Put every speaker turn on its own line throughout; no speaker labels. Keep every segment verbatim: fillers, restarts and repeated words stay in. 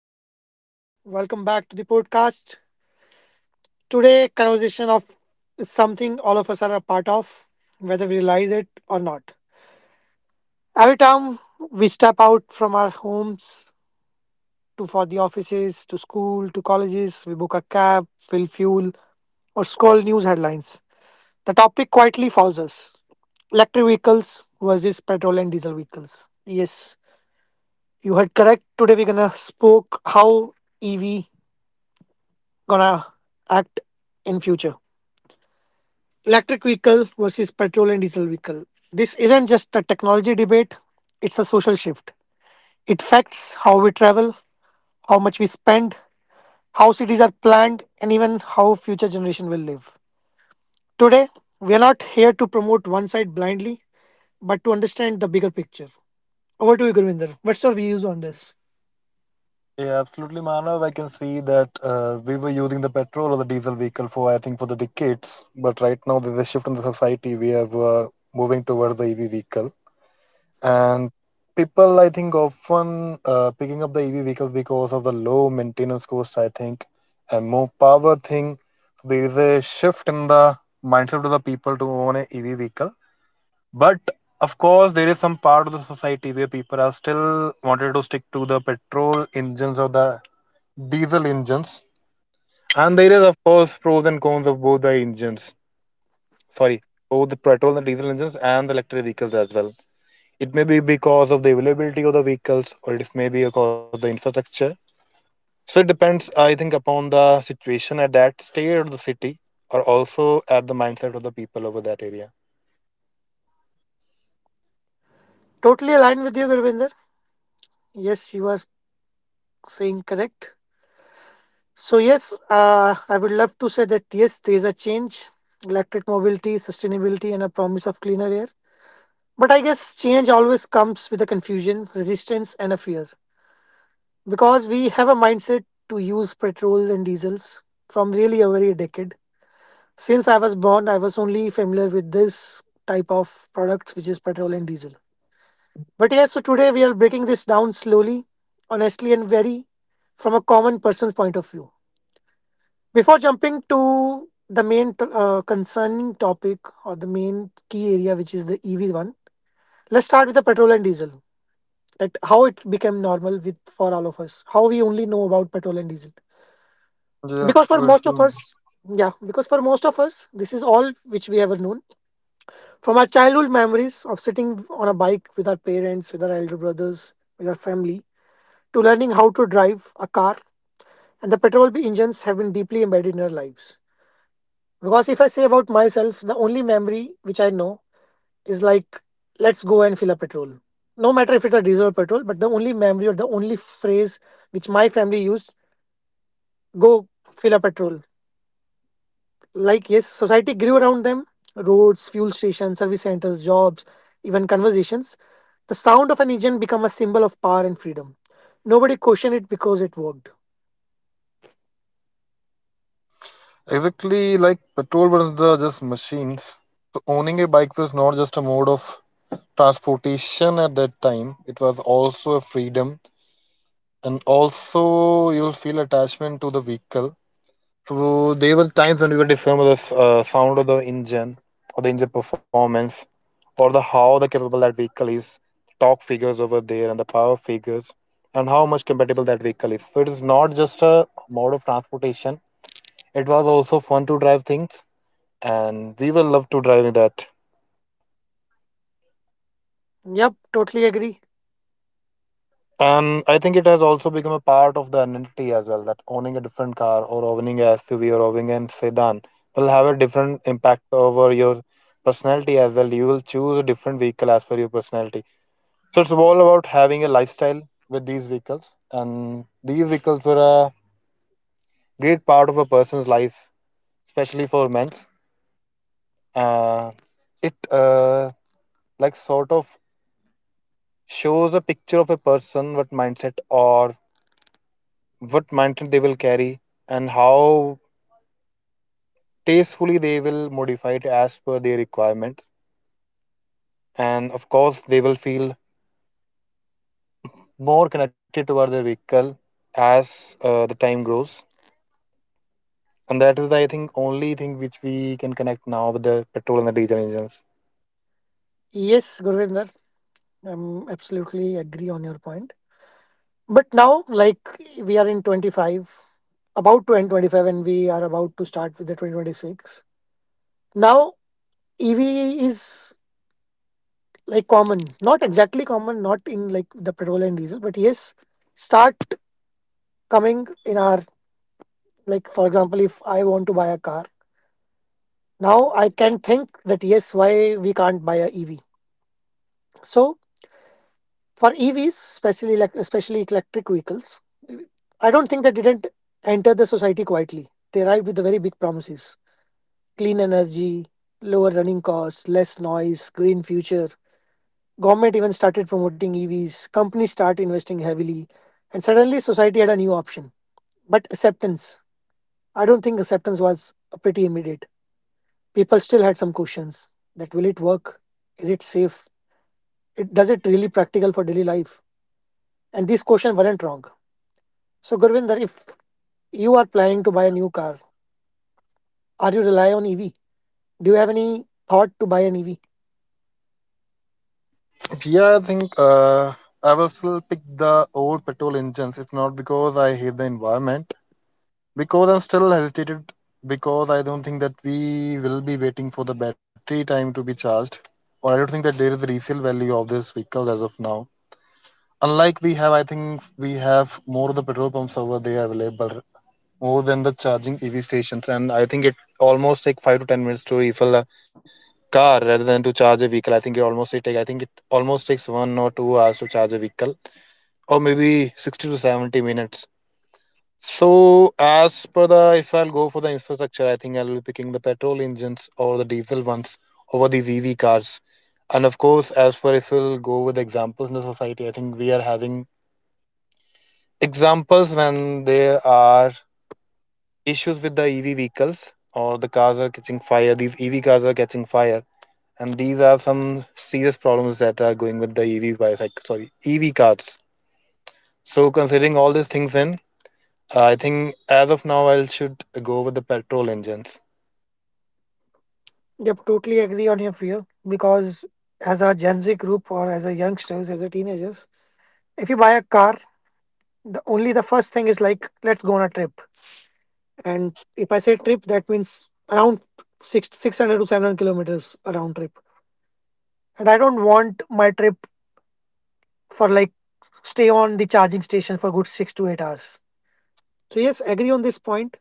of you. Welcome back to the podcast. Today, conversation of is something all of us are a part of, whether we realize it or not. Every time we step out from our homes to for the offices, to school, to colleges, we book a cab, fill fuel, or scroll news headlines. The topic quietly follows us. Electric vehicles versus petrol and diesel vehicles. Yes, you heard correct. Today we're gonna spoke how E V gonna act in future. Electric vehicle versus petrol and diesel vehicle, this isn't just a technology debate, it's a social shift. It affects how we travel, how much we spend, how cities are planned, and even how future generation will live. Today we are not here to promote one side blindly, but to understand the bigger picture. Over to you, Gurvinder. What's your views on this?
Yeah, absolutely, Manav. I can see that uh, we were using the petrol or the diesel vehicle for, I think, for the decades. But right now, there's a shift in the society. We are uh, moving towards the E V vehicle. And people, I think, often uh, picking up the E V vehicles because of the low maintenance cost, I think, and more power thing. So there is a shift in the mindset of the people to own a E V vehicle. But of course, there is some part of the society where people are still wanted to stick to the petrol engines of the diesel engines. And there is, of course, pros and cons of both the engines. Sorry, both the petrol and diesel engines and the electric vehicles as well. It may be because of the availability of the vehicles, or it may be because of the infrastructure. So it depends, I think, upon the situation at that state of the city, or also at the mindset of the people over that area.
Totally aligned with you, Gurvinder. Yes, you are saying correct. So yes, uh, I would love to say that yes, there is a change, electric mobility, sustainability, and a promise of cleaner air. But I guess change always comes with a confusion, resistance, and a fear because we have a mindset to use petrol and diesels from really over a decade. Since I was born, I was only familiar with this type of products, which is petrol and diesel. But yes, so today we are breaking this down slowly, honestly, and very from a common person's point of view. Before jumping to the main t- uh, concerning topic or the main key area, which is the E V one, let's start with the petrol and diesel. That how it became normal with for all of us. How we only know about petrol and diesel.
Yeah,
Because for
for
most of
sure.
us, yeah, because for most of us, this is all which we ever known, from our childhood memories of sitting on a bike with our parents, with our elder brothers, with our family, to learning how to drive a car. And the petrol engines have been deeply embedded in our lives. Because if I say about myself, the only memory which I know is like, let's go and fill a petrol. No matter if it's a diesel or petrol, but the only memory or the only phrase which my family used, go fill a petrol. Like, yes, society grew around them, roads, fuel stations, service centers, jobs, even conversations. The sound of an engine became a symbol of power and freedom. Nobody questioned it because it worked.
Exactly like petrol was the just machines. So owning a bike was not just a mode of transportation at that time. It was also a freedom and also you'll feel attachment to the vehicle. So there were times when we would discover the s- uh, sound of the engine or the engine performance or the how the capable that vehicle is, torque figures over there and the power figures and how much compatible that vehicle is. So it is not just a mode of transportation. It was also fun to drive things and we will love to drive that.
Yep, totally agree.
And I think it has also become a part of the identity as well that owning a different car or owning a S U V or owning a sedan will have a different impact over your personality as well. You will choose a different vehicle as per your personality. So it's all about having a lifestyle with these vehicles. And these vehicles were a great part of a person's life, especially for men's. Uh, it uh, like sort of shows a picture of a person, what mindset or what mindset they will carry and how tastefully they will modify it as per their requirements, and of course they will feel more connected toward their vehicle as uh, the time grows. And that is the, I think, only thing which we can connect now with the petrol and the diesel engines.
Yes, Gurvinder, I'm absolutely agree on your point. But now, like we are in twenty-five, about to end twenty-five, and we are about to start with the twenty twenty-six. Now, E V is like common, not exactly common, not in like the petrol and diesel, but yes, start coming in our, like, for example, if I want to buy a car, now I can think that yes, why we can't buy a E V. So for E Vs, especially like especially electric vehicles, I don't think they didn't enter the society quietly. They arrived with the very big promises, clean energy, lower running costs, less noise, green future. Government even started promoting E Vs. Companies start investing heavily, and suddenly society had a new option. But acceptance, I don't think acceptance was pretty immediate. People still had some questions that will it work? Is it safe? It does it really practical for daily life? And these questions weren't wrong. So Gurvinder, if you are planning to buy a new car, are you rely on E V? Do you have any thought to buy an E V?
Yeah, I think uh, I will still pick the old petrol engines. It's not because I hate the environment, because I'm still hesitated, because I don't think that we will be waiting for the battery time to be charged, or I don't think that there is a resale value of these vehicles as of now. Unlike we have, I think, we have more of the petrol pumps over there available more than the charging EV stations. And I think it almost take five to ten minutes to refill a car rather than to charge a vehicle. i think it almost it take I think it almost takes one or two hours to charge a vehicle, or maybe sixty to seventy minutes. So as per the if I'll go for the infrastructure, I think I'll be picking the petrol engines or the diesel ones over these EV cars. And of course, as per, if we'll go with examples in the society, I think we are having examples when there are issues with the E V vehicles, or the cars are catching fire, these E V cars are catching fire, and these are some serious problems that are going with the E V bicycle, sorry, E V cars. So considering all these things in, I think as of now I should go with the petrol engines.
Yep, totally agree on your fear because as a Gen Z group or as a youngsters, as a teenagers, if you buy a car, the only the first thing is like let's go on a trip. And if I say trip, that means around six six hundred to seven hundred kilometers a round trip. And I don't want my trip for like stay on the charging station for good six to eight hours. So yes, agree on this point.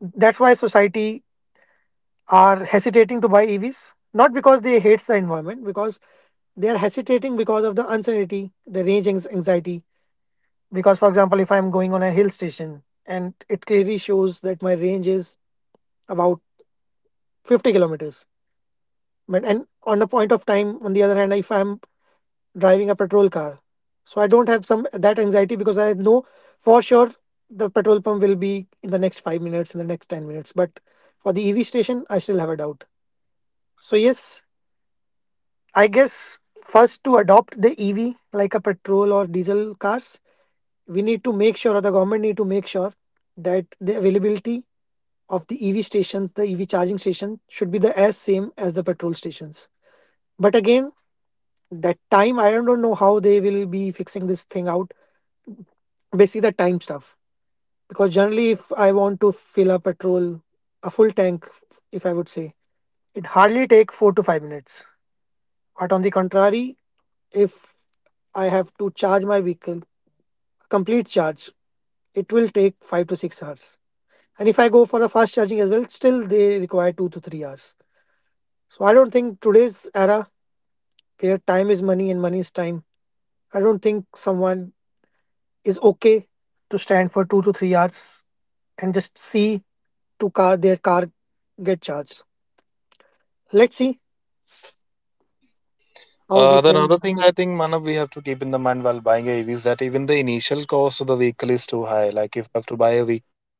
That's why society are hesitating to buy E Vs. Not because they hates the environment, because they are hesitating because of the uncertainty, the range anx- anxiety. Because, for example, if I'm going on a hill station and it clearly shows that my range is about fifty kilometers, but and on the point of time, on the other hand, if I'm driving a petrol car, so I don't have some that anxiety because I know for sure the petrol pump will be in the next five minutes, in the next ten minutes. But for the E V station, I still have a doubt. So, yes, I guess first to adopt the E V like a petrol or diesel cars, we need to make sure or the government need to make sure that the availability of the EV stations, the EV charging station should be the as same as the petrol stations. But again, that time I don't know how they will be fixing this thing out, basically the time stuff. Because generally if I want to fill a petrol, a full tank, if I would say it hardly take four to five minutes. But on the contrary, if I have to charge my vehicle, complete charge, it will take five to six hours. And if I go for a fast charging as well, still they require two to three hours. So I don't think today's era where time is money and money is time, I don't think someone is okay to stand for two to three hours and just see to car their car get charged. Let's see how
Uh,
we
then
can.
another thing, I think, Manav, we have to keep in the mind while buying a E V is that even the initial cost of the vehicle is too high. Like if I have to buy a vehicle.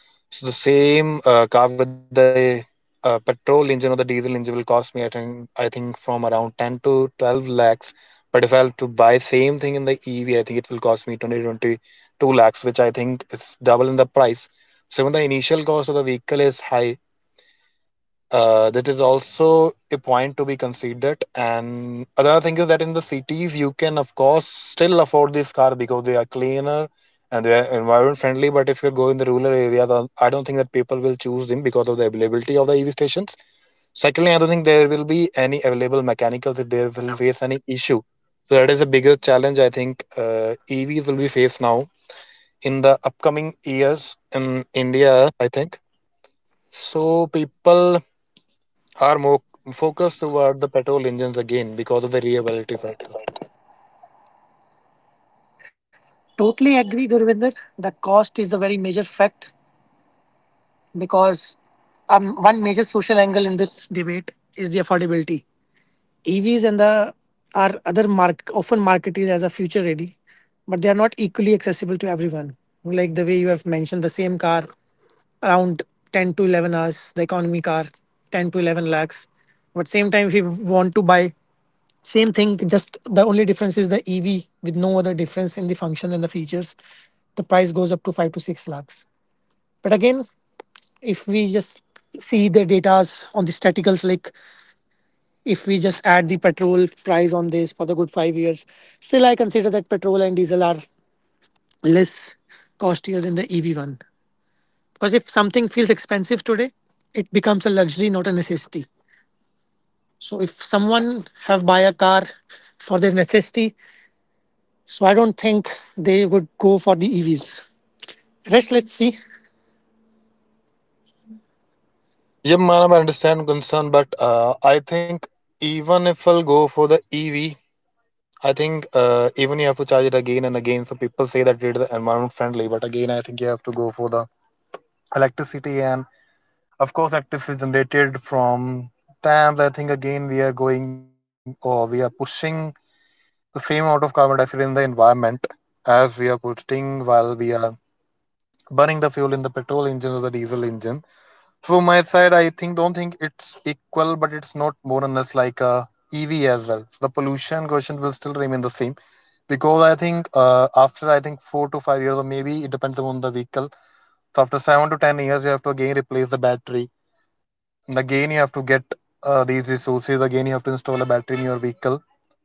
So the same uh, car with the uh, petrol engine or the diesel engine will cost me, I think, I think from around ten to twelve lakhs. But if I have to buy same thing in the E V, I think it will cost me 20 22 lakhs, which I think is double in the price. So even the initial cost of the vehicle is high, uh, that is also a point to be considered. And another thing is that in the cities, you can, of course, still afford this car because they are cleaner and they are environment friendly. But if you go in the rural areas, uh, I don't think that people will choose them because of the availability of the E V stations. Secondly, I don't think there will be any available mechanicals if they will face any issue. So that is the biggest challenge I think uh, E Vs will be faced now in the upcoming years in India, I think. So people are more focused toward the petrol engines again because of the reliability factor.
Totally agree, Gurvinder. The cost is a very major fact because um, one major social angle in this debate is the affordability. E Vs and the are other mark often marketed as a future ready, but they are not equally accessible to everyone. Like the way you have mentioned, the same car around ten to eleven hours, the economy car ten to eleven lakhs. But same time, if you want to buy same thing, just the only difference is the E V with no other difference in the function and the features, the price goes up to five to six lakhs. But again, if we just see the data on the staticals, like if we just add the petrol price on this for the good five years, still I consider that petrol and diesel are less costlier than the E V one. Because if something feels expensive today, it becomes a luxury, not a necessity. So if someone have buy a car for their necessity, so I don't think they would go for the E Vs. Rest, let's see.
Yeah, Manav, I understand concern, but uh, I think even if I'll go for the E V, I think uh, even you have to charge it again and again. So people say that it is environment friendly, but again, I think you have to go for the electricity, and of course, electricity is generated from dams. I think again we are going or we are pushing the same amount of carbon dioxide in the environment as we are putting while we are burning the fuel in the petrol engine or the diesel engine. From my side, I think don't think it's equal, but it's not more or less like a E V as well. So the pollution quotient will still remain the same because I think uh, after I think four to five years, or maybe it depends on the vehicle. So after seven to ten years, you have to again replace the battery. And again, you have to get uh, these resources. Again, you have to install a battery in your vehicle.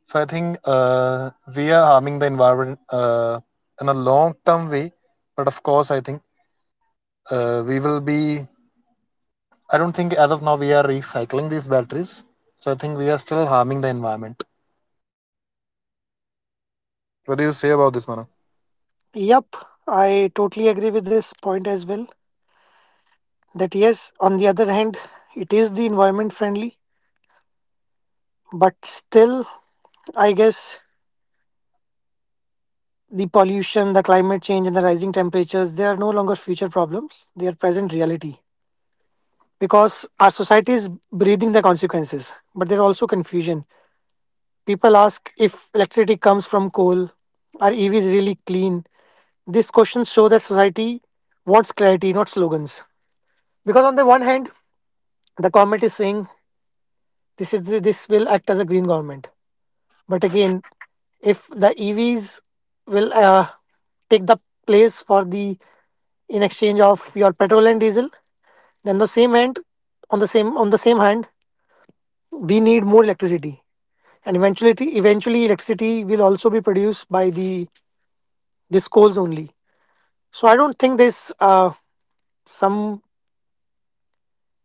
So I think uh, we are harming the environment uh, in a long term way, but of course, I think uh, we will be I don't think as of now we are recycling these batteries. So I think we are still harming the environment. What do you say about this, Mana?
Yup, I totally agree with this point as well. That yes, on the other hand, it is the environment friendly, but still, I guess the pollution, the climate change, and the rising temperatures, they are no longer future problems. They are present reality. Because our society is breathing the consequences, but there are also confusion. People ask if electricity comes from coal, are E Vs really clean? These questions show that society wants clarity, not slogans. Because on the one hand, the government is saying this is this will act as a green government, but again, if the E Vs will uh, take the place for the in exchange of your petrol and diesel, then the same hand, on the same on the same hand we need more electricity, and eventually eventually electricity will also be produced by the this coals only. So I don't think there's uh, some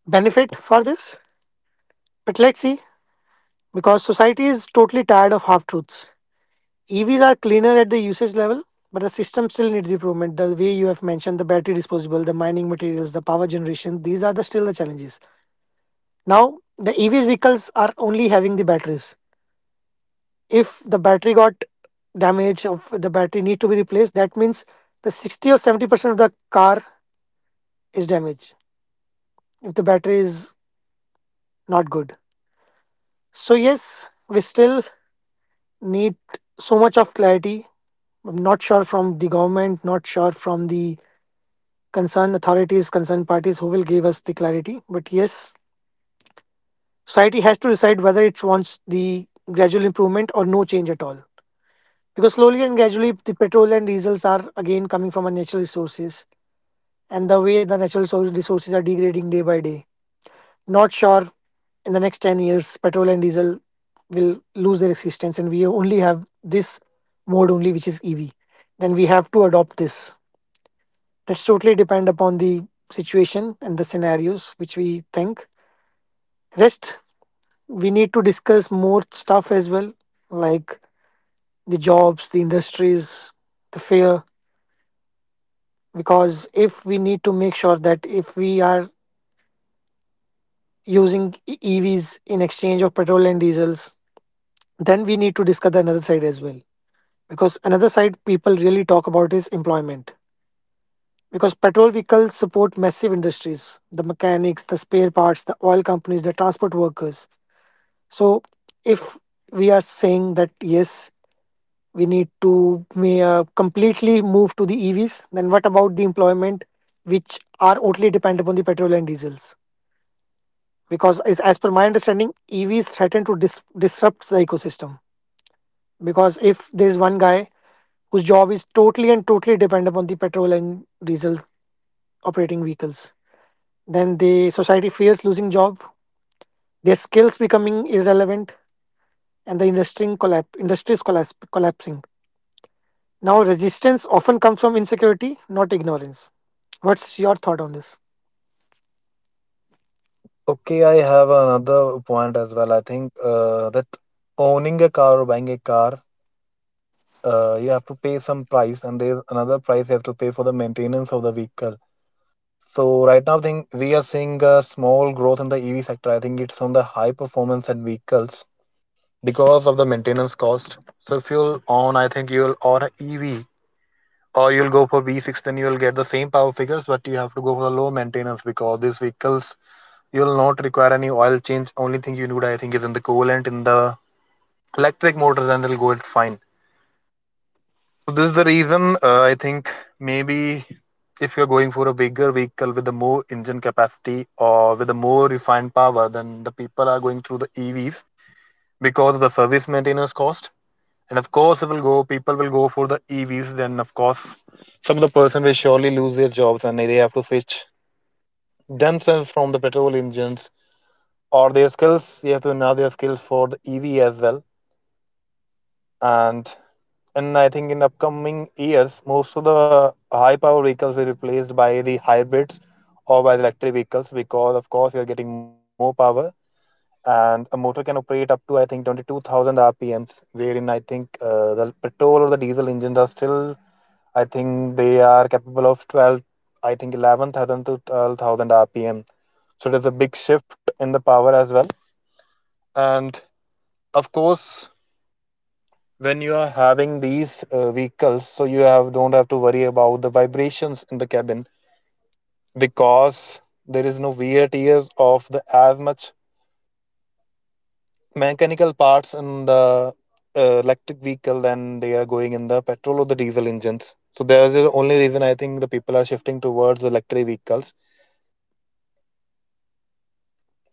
benefit for this, but let's see. Because society is totally tired of half truths. EVs are cleaner at the usage level, but the system still needs improvement. The way you have mentioned, the battery disposable, the mining materials, the power generation, these are the still the challenges. Now, the E V vehicles are only having the batteries. If the battery got damage, of the battery need to be replaced, that means the sixty or seventy percent of the car is damaged if the battery is not good. So, yes, we still need so much of clarity. I'm not sure from the government, not sure from the concerned authorities, concerned parties who will give us the clarity. But yes, society has to decide whether it wants the gradual improvement or no change at all. Because slowly and gradually the petrol and diesels are again coming from unnatural natural resources, and the way the natural so- resources are degrading day by day, not sure in the next ten years petrol and diesel will lose their existence and we only have this mode only, which is EV. Then we have to adopt this. That's totally depend upon the situation and the scenarios which we think. Rest, we need to discuss more stuff as well, like the jobs, the industries, the fear. Because if we need to make sure that if we are using E- EVs in exchange of petrol and diesels, then we need to discuss the another side as well. Because another side people really talk about is employment. Because petrol vehicles support massive industries, the mechanics, the spare parts, the oil companies, the transport workers. So if we are saying that yes, we need to may, uh, completely move to the E Vs, then what about the employment, which are totally dependent upon the petrol and diesels? Because as, as per my understanding, EVs threaten to dis- disrupt the ecosystem. Because if there is one guy whose job is totally and totally dependent upon the petrol and diesel operating vehicles, then the society fears losing job, their skills becoming irrelevant, and the industry collapse industries collapse collapsing. Now resistance often comes from insecurity, not ignorance. What's your thought on this?
Okay, I have another point as well. I think uh, that owning a car or buying a car, uh, you have to pay some price, and there's another price you have to pay for the maintenance of the vehicle. So right now, I think we are seeing a small growth in the E V sector. I think it's on the high performance and vehicles because of the maintenance cost. So if you'll own, I think you'll own an E V. Or you'll go for V six, then you'll get the same power figures, but you have to go for the low maintenance because these vehicles, you'll not require any oil change. Only thing you need, I think, is in the coolant in the electric motors, and they'll go it fine. So this is the reason uh, I think maybe if you're going for a bigger vehicle with a more engine capacity or with a more refined power, then the people are going through the E Vs because of the service maintenance cost. And of course, it will go. People will go for the E Vs. Then, of course, some of the person will surely lose their jobs, and they have to switch themselves from the petrol engines or their skills. You have to enhance their skills for the E V as well. And and I think in upcoming years, most of the high power vehicles will be replaced by the hybrids or by the electric vehicles because, of course, you are getting more power. And a motor can operate up to I think twenty-two thousand R P Ms, wherein I think uh, the petrol or the diesel engines are still, I think, they are capable of twelve, I think eleven thousand to twelve thousand R P M. So there's a big shift in the power as well. And of course, when you are having these uh, vehicles, so you have don't have to worry about the vibrations in the cabin because there is no wear tears of the as much mechanical parts in the uh, electric vehicle than they are going in the petrol or the diesel engines. So there's the only reason I think the people are shifting towards electric vehicles.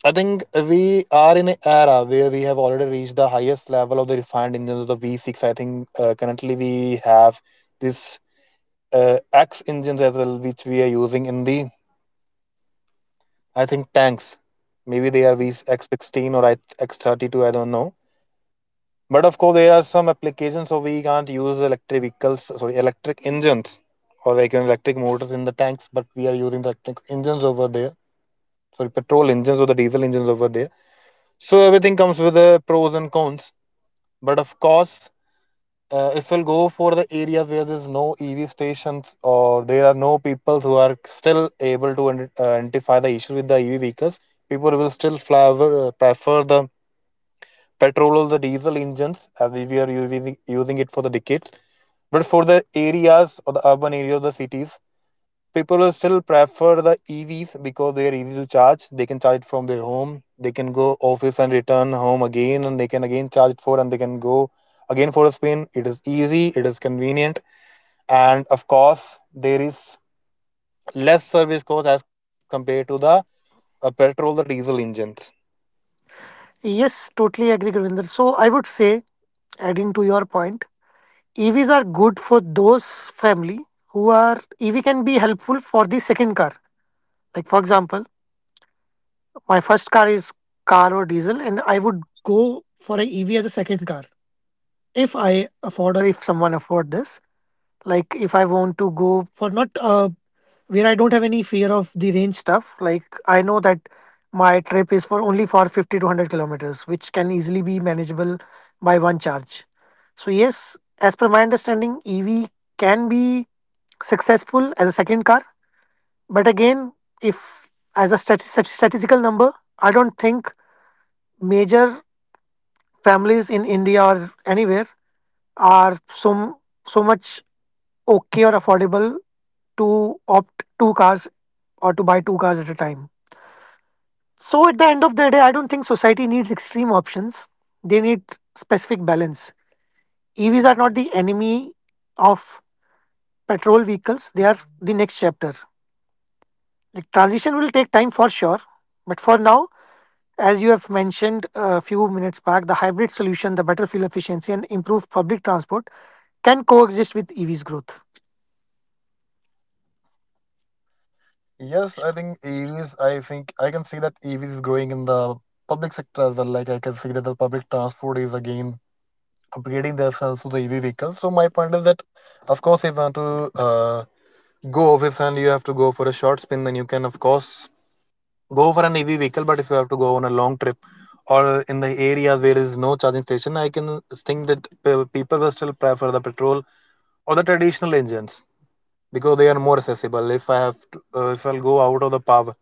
I think we are in an era where we have already reached the highest level of the refined engines of the V six. I think uh, currently we have this uh, X engines as well, which we are using in the I think tanks. Maybe they are V X sixteen or I- X thirty-two. I don't know. But of course, there are some applications so we can't use electric vehicles, sorry, electric engines or like you know, electric motors in the tanks. But we are using the electric engines over there. Sorry, petrol engines or the diesel engines over there. So everything comes with the pros and cons. But of course, uh, if we'll go for the areas where there's no E V stations or there are no people who are still able to ident- uh, identify the issue with the E V vehicles, people will still flavor, prefer the petrol or the diesel engines as we are using, using it for the decades. But for the areas or the urban areas, the cities, people will still prefer the E Vs because they are easy to charge. They can charge it from their home. They can go office and return home again, and they can again charge it for, and they can go again for a spin. It is easy. It is convenient, and of course, there is less service cost as compared to the uh, petrol or diesel engines.
Yes, totally agree, Gurinder. So I would say, adding to your point, E Vs are good for those family who are E V can be helpful for the second car. Like for example, my first car is car or diesel, and I would go for a E V as a second car if I afford or if someone afford this. Like if I want to go for not uh, where I don't have any fear of the range stuff. Like I know that my trip is for only for fifty to one hundred kilometers, which can easily be manageable by one charge. So yes, as per my understanding, E V can be successful as a second car. But again, if as a stat- stat- statistical number, I don't think major families in India or anywhere are so so much okay or affordable to opt two cars or to buy two cars at a time. So at the end of the day, I don't think society needs extreme options. They need specific balance. E Vs are not the enemy of petrol vehicles. They are the next chapter. Like transition will take time for sure, but for now, as you have mentioned a few minutes back, the hybrid solution, the better fuel efficiency, and improved public transport can coexist with E Vs' growth.
Yes, I think E Vs. I think I can see that E Vs is growing in the public sector as well. Like I can see that the public transport is again upgrading themselves to the E V vehicle. So my point is that, of course, if you want to uh, go office and you have to go for a short spin, then you can of course go for an E V vehicle. But if you have to go on a long trip or in the area there is no charging station, I can think that pe- people will still prefer the petrol or the traditional engines because they are more accessible. If I have to, uh, if I'll go out of the power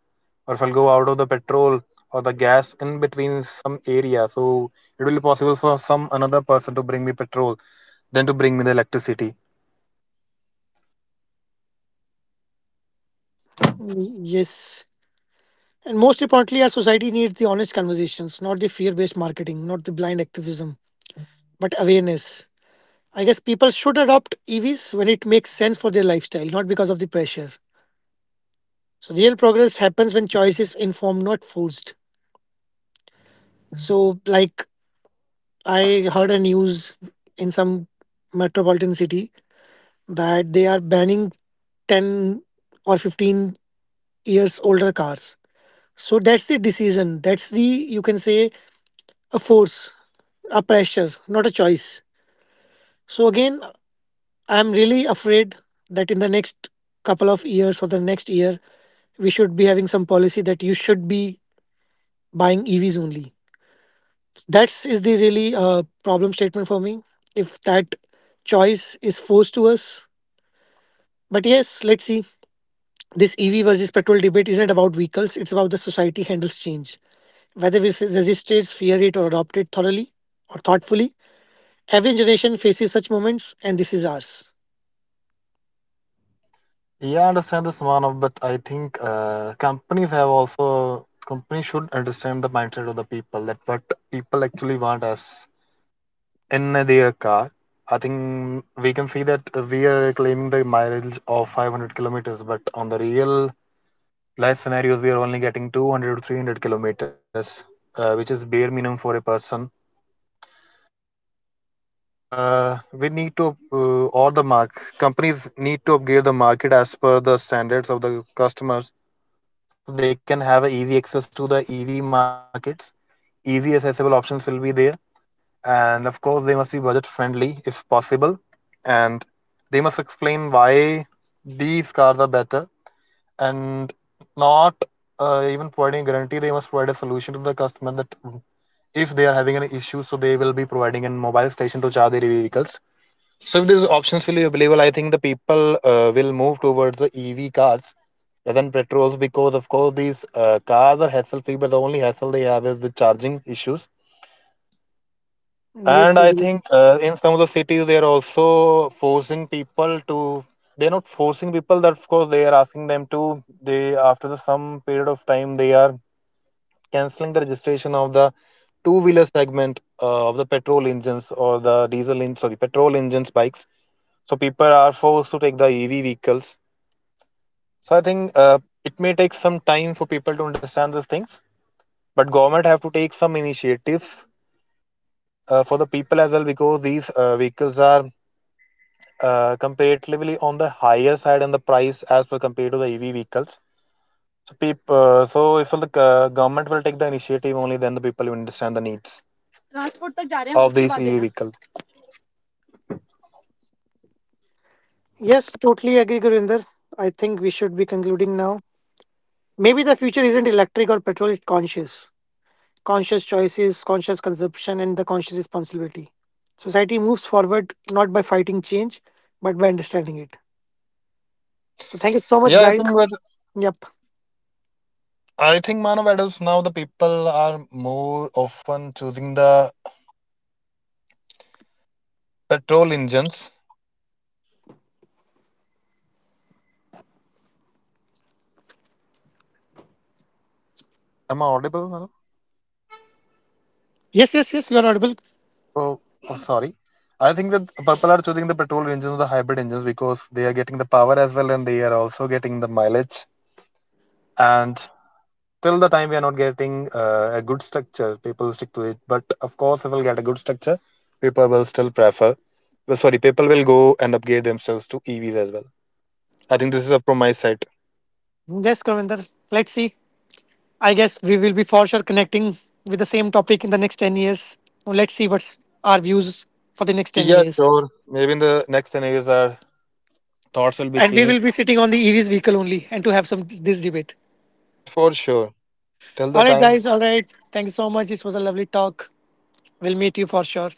or if I'll go out of the petrol or the gas in between some area, so it will be possible for some another person to bring me petrol than to bring me the electricity.
Mm, yes. And most importantly, our society needs the honest conversations, not the fear based marketing, not the blind activism, but awareness. I guess people should adopt E Vs when it makes sense for their lifestyle, not because of the pressure. So, real progress happens when choice is informed, not forced. So, like, I heard a news in some metropolitan city that they are banning ten or fifteen years older cars. So that's the decision, that's the, you can say, a force, a pressure, not a choice. So again, I'm really afraid that in the next couple of years or the next year, we should be having some policy that you should be buying EVs only. That is the really uh, problem statement for me if that choice is forced to us. But yes, let's see. This EV versus petrol debate isn't about vehicles, it's about the society handles change. Whether we resist it, fear it, or adopt it thoroughly or thoughtfully, every generation faces such moments, and this is ours.
Yeah, I understand this, Manav, but I think uh, companies have also companies should understand the mindset of the people that what people actually want us in their car. I think we can see that we are claiming the mileage of five hundred kilometers, but on the real life scenarios, we are only getting two hundred to three hundred kilometers, uh, which is bare minimum for a person. So I think uh, we need to uh, or the mark companies need to upgrade the market as per the standards of the customers, so they can have a easy access to the E V markets. Easy accessible options will be there, and of course they must be budget friendly if possible, and they must explain why these cars are better and not uh, even providing a guarantee. They must provide a solution to the customer that if they are having an issue, so they will be providing a mobile station to charge their vehicles. So if these options will be available, I think the people uh, will move towards the E V cars rather than petrols because, of course, these uh, cars are hassle-free, but the only hassle they have is the charging issues. And
Yes,
I
indeed.
think uh, in some of the cities, they are also forcing people to. They are not forcing people. That of course, they are asking them to. They after the, some period of time, they are canceling the registration of the two-wheeler segment uh, of the petrol engines or the diesel in sorry, petrol engines bikes, so people are forced to take the EV vehicles. So I think uh, it may take some time for people to understand these things, but government have to take some initiative uh, for the people as well because these uh, vehicles are uh, comparatively on the higher side in the price as per compared to the EV vehicles. So people uh, so if the uh, government will take the initiative only then the people will understand the needs of these E V vehicle.
Yes, totally agree, Gurinder. I think we should be concluding now. Maybe the future isn't electric or petrol, it's conscious. Conscious choices, conscious consumption, and the conscious responsibility. Society moves forward not by fighting change, but by understanding it. So thank you so much,
Yeah, I
guys.
think with,
Yep.
I think Manav Adams now the people are more often choosing the petrol engines. Am I audible, madam?
Yes, yes, yes. You are audible.
Oh, oh, sorry. I think that people are choosing the petrol engines or the hybrid engines because they are getting the power as well and they are also getting the mileage. And till the time we are not getting uh, a good structure, people stick to it. But of course, if we'll get a good structure, people will still prefer. Well, sorry, people will go and upgrade themselves to E Vs as well. I think this is up from my side.
Yes, Gurinder. Let's see. I guess we will be for sure connecting with the same topic in the next ten years. Now let's see what's our views for the next ten
Yeah,
years.
sure. Maybe in the next ten years, our thoughts will be
And we will
changed.
be sitting on the E V's vehicle only and to have some this debate.
For sure. Till the
All right,
time,
guys. All right. Thank you so much. It was a lovely talk. We'll meet you for sure.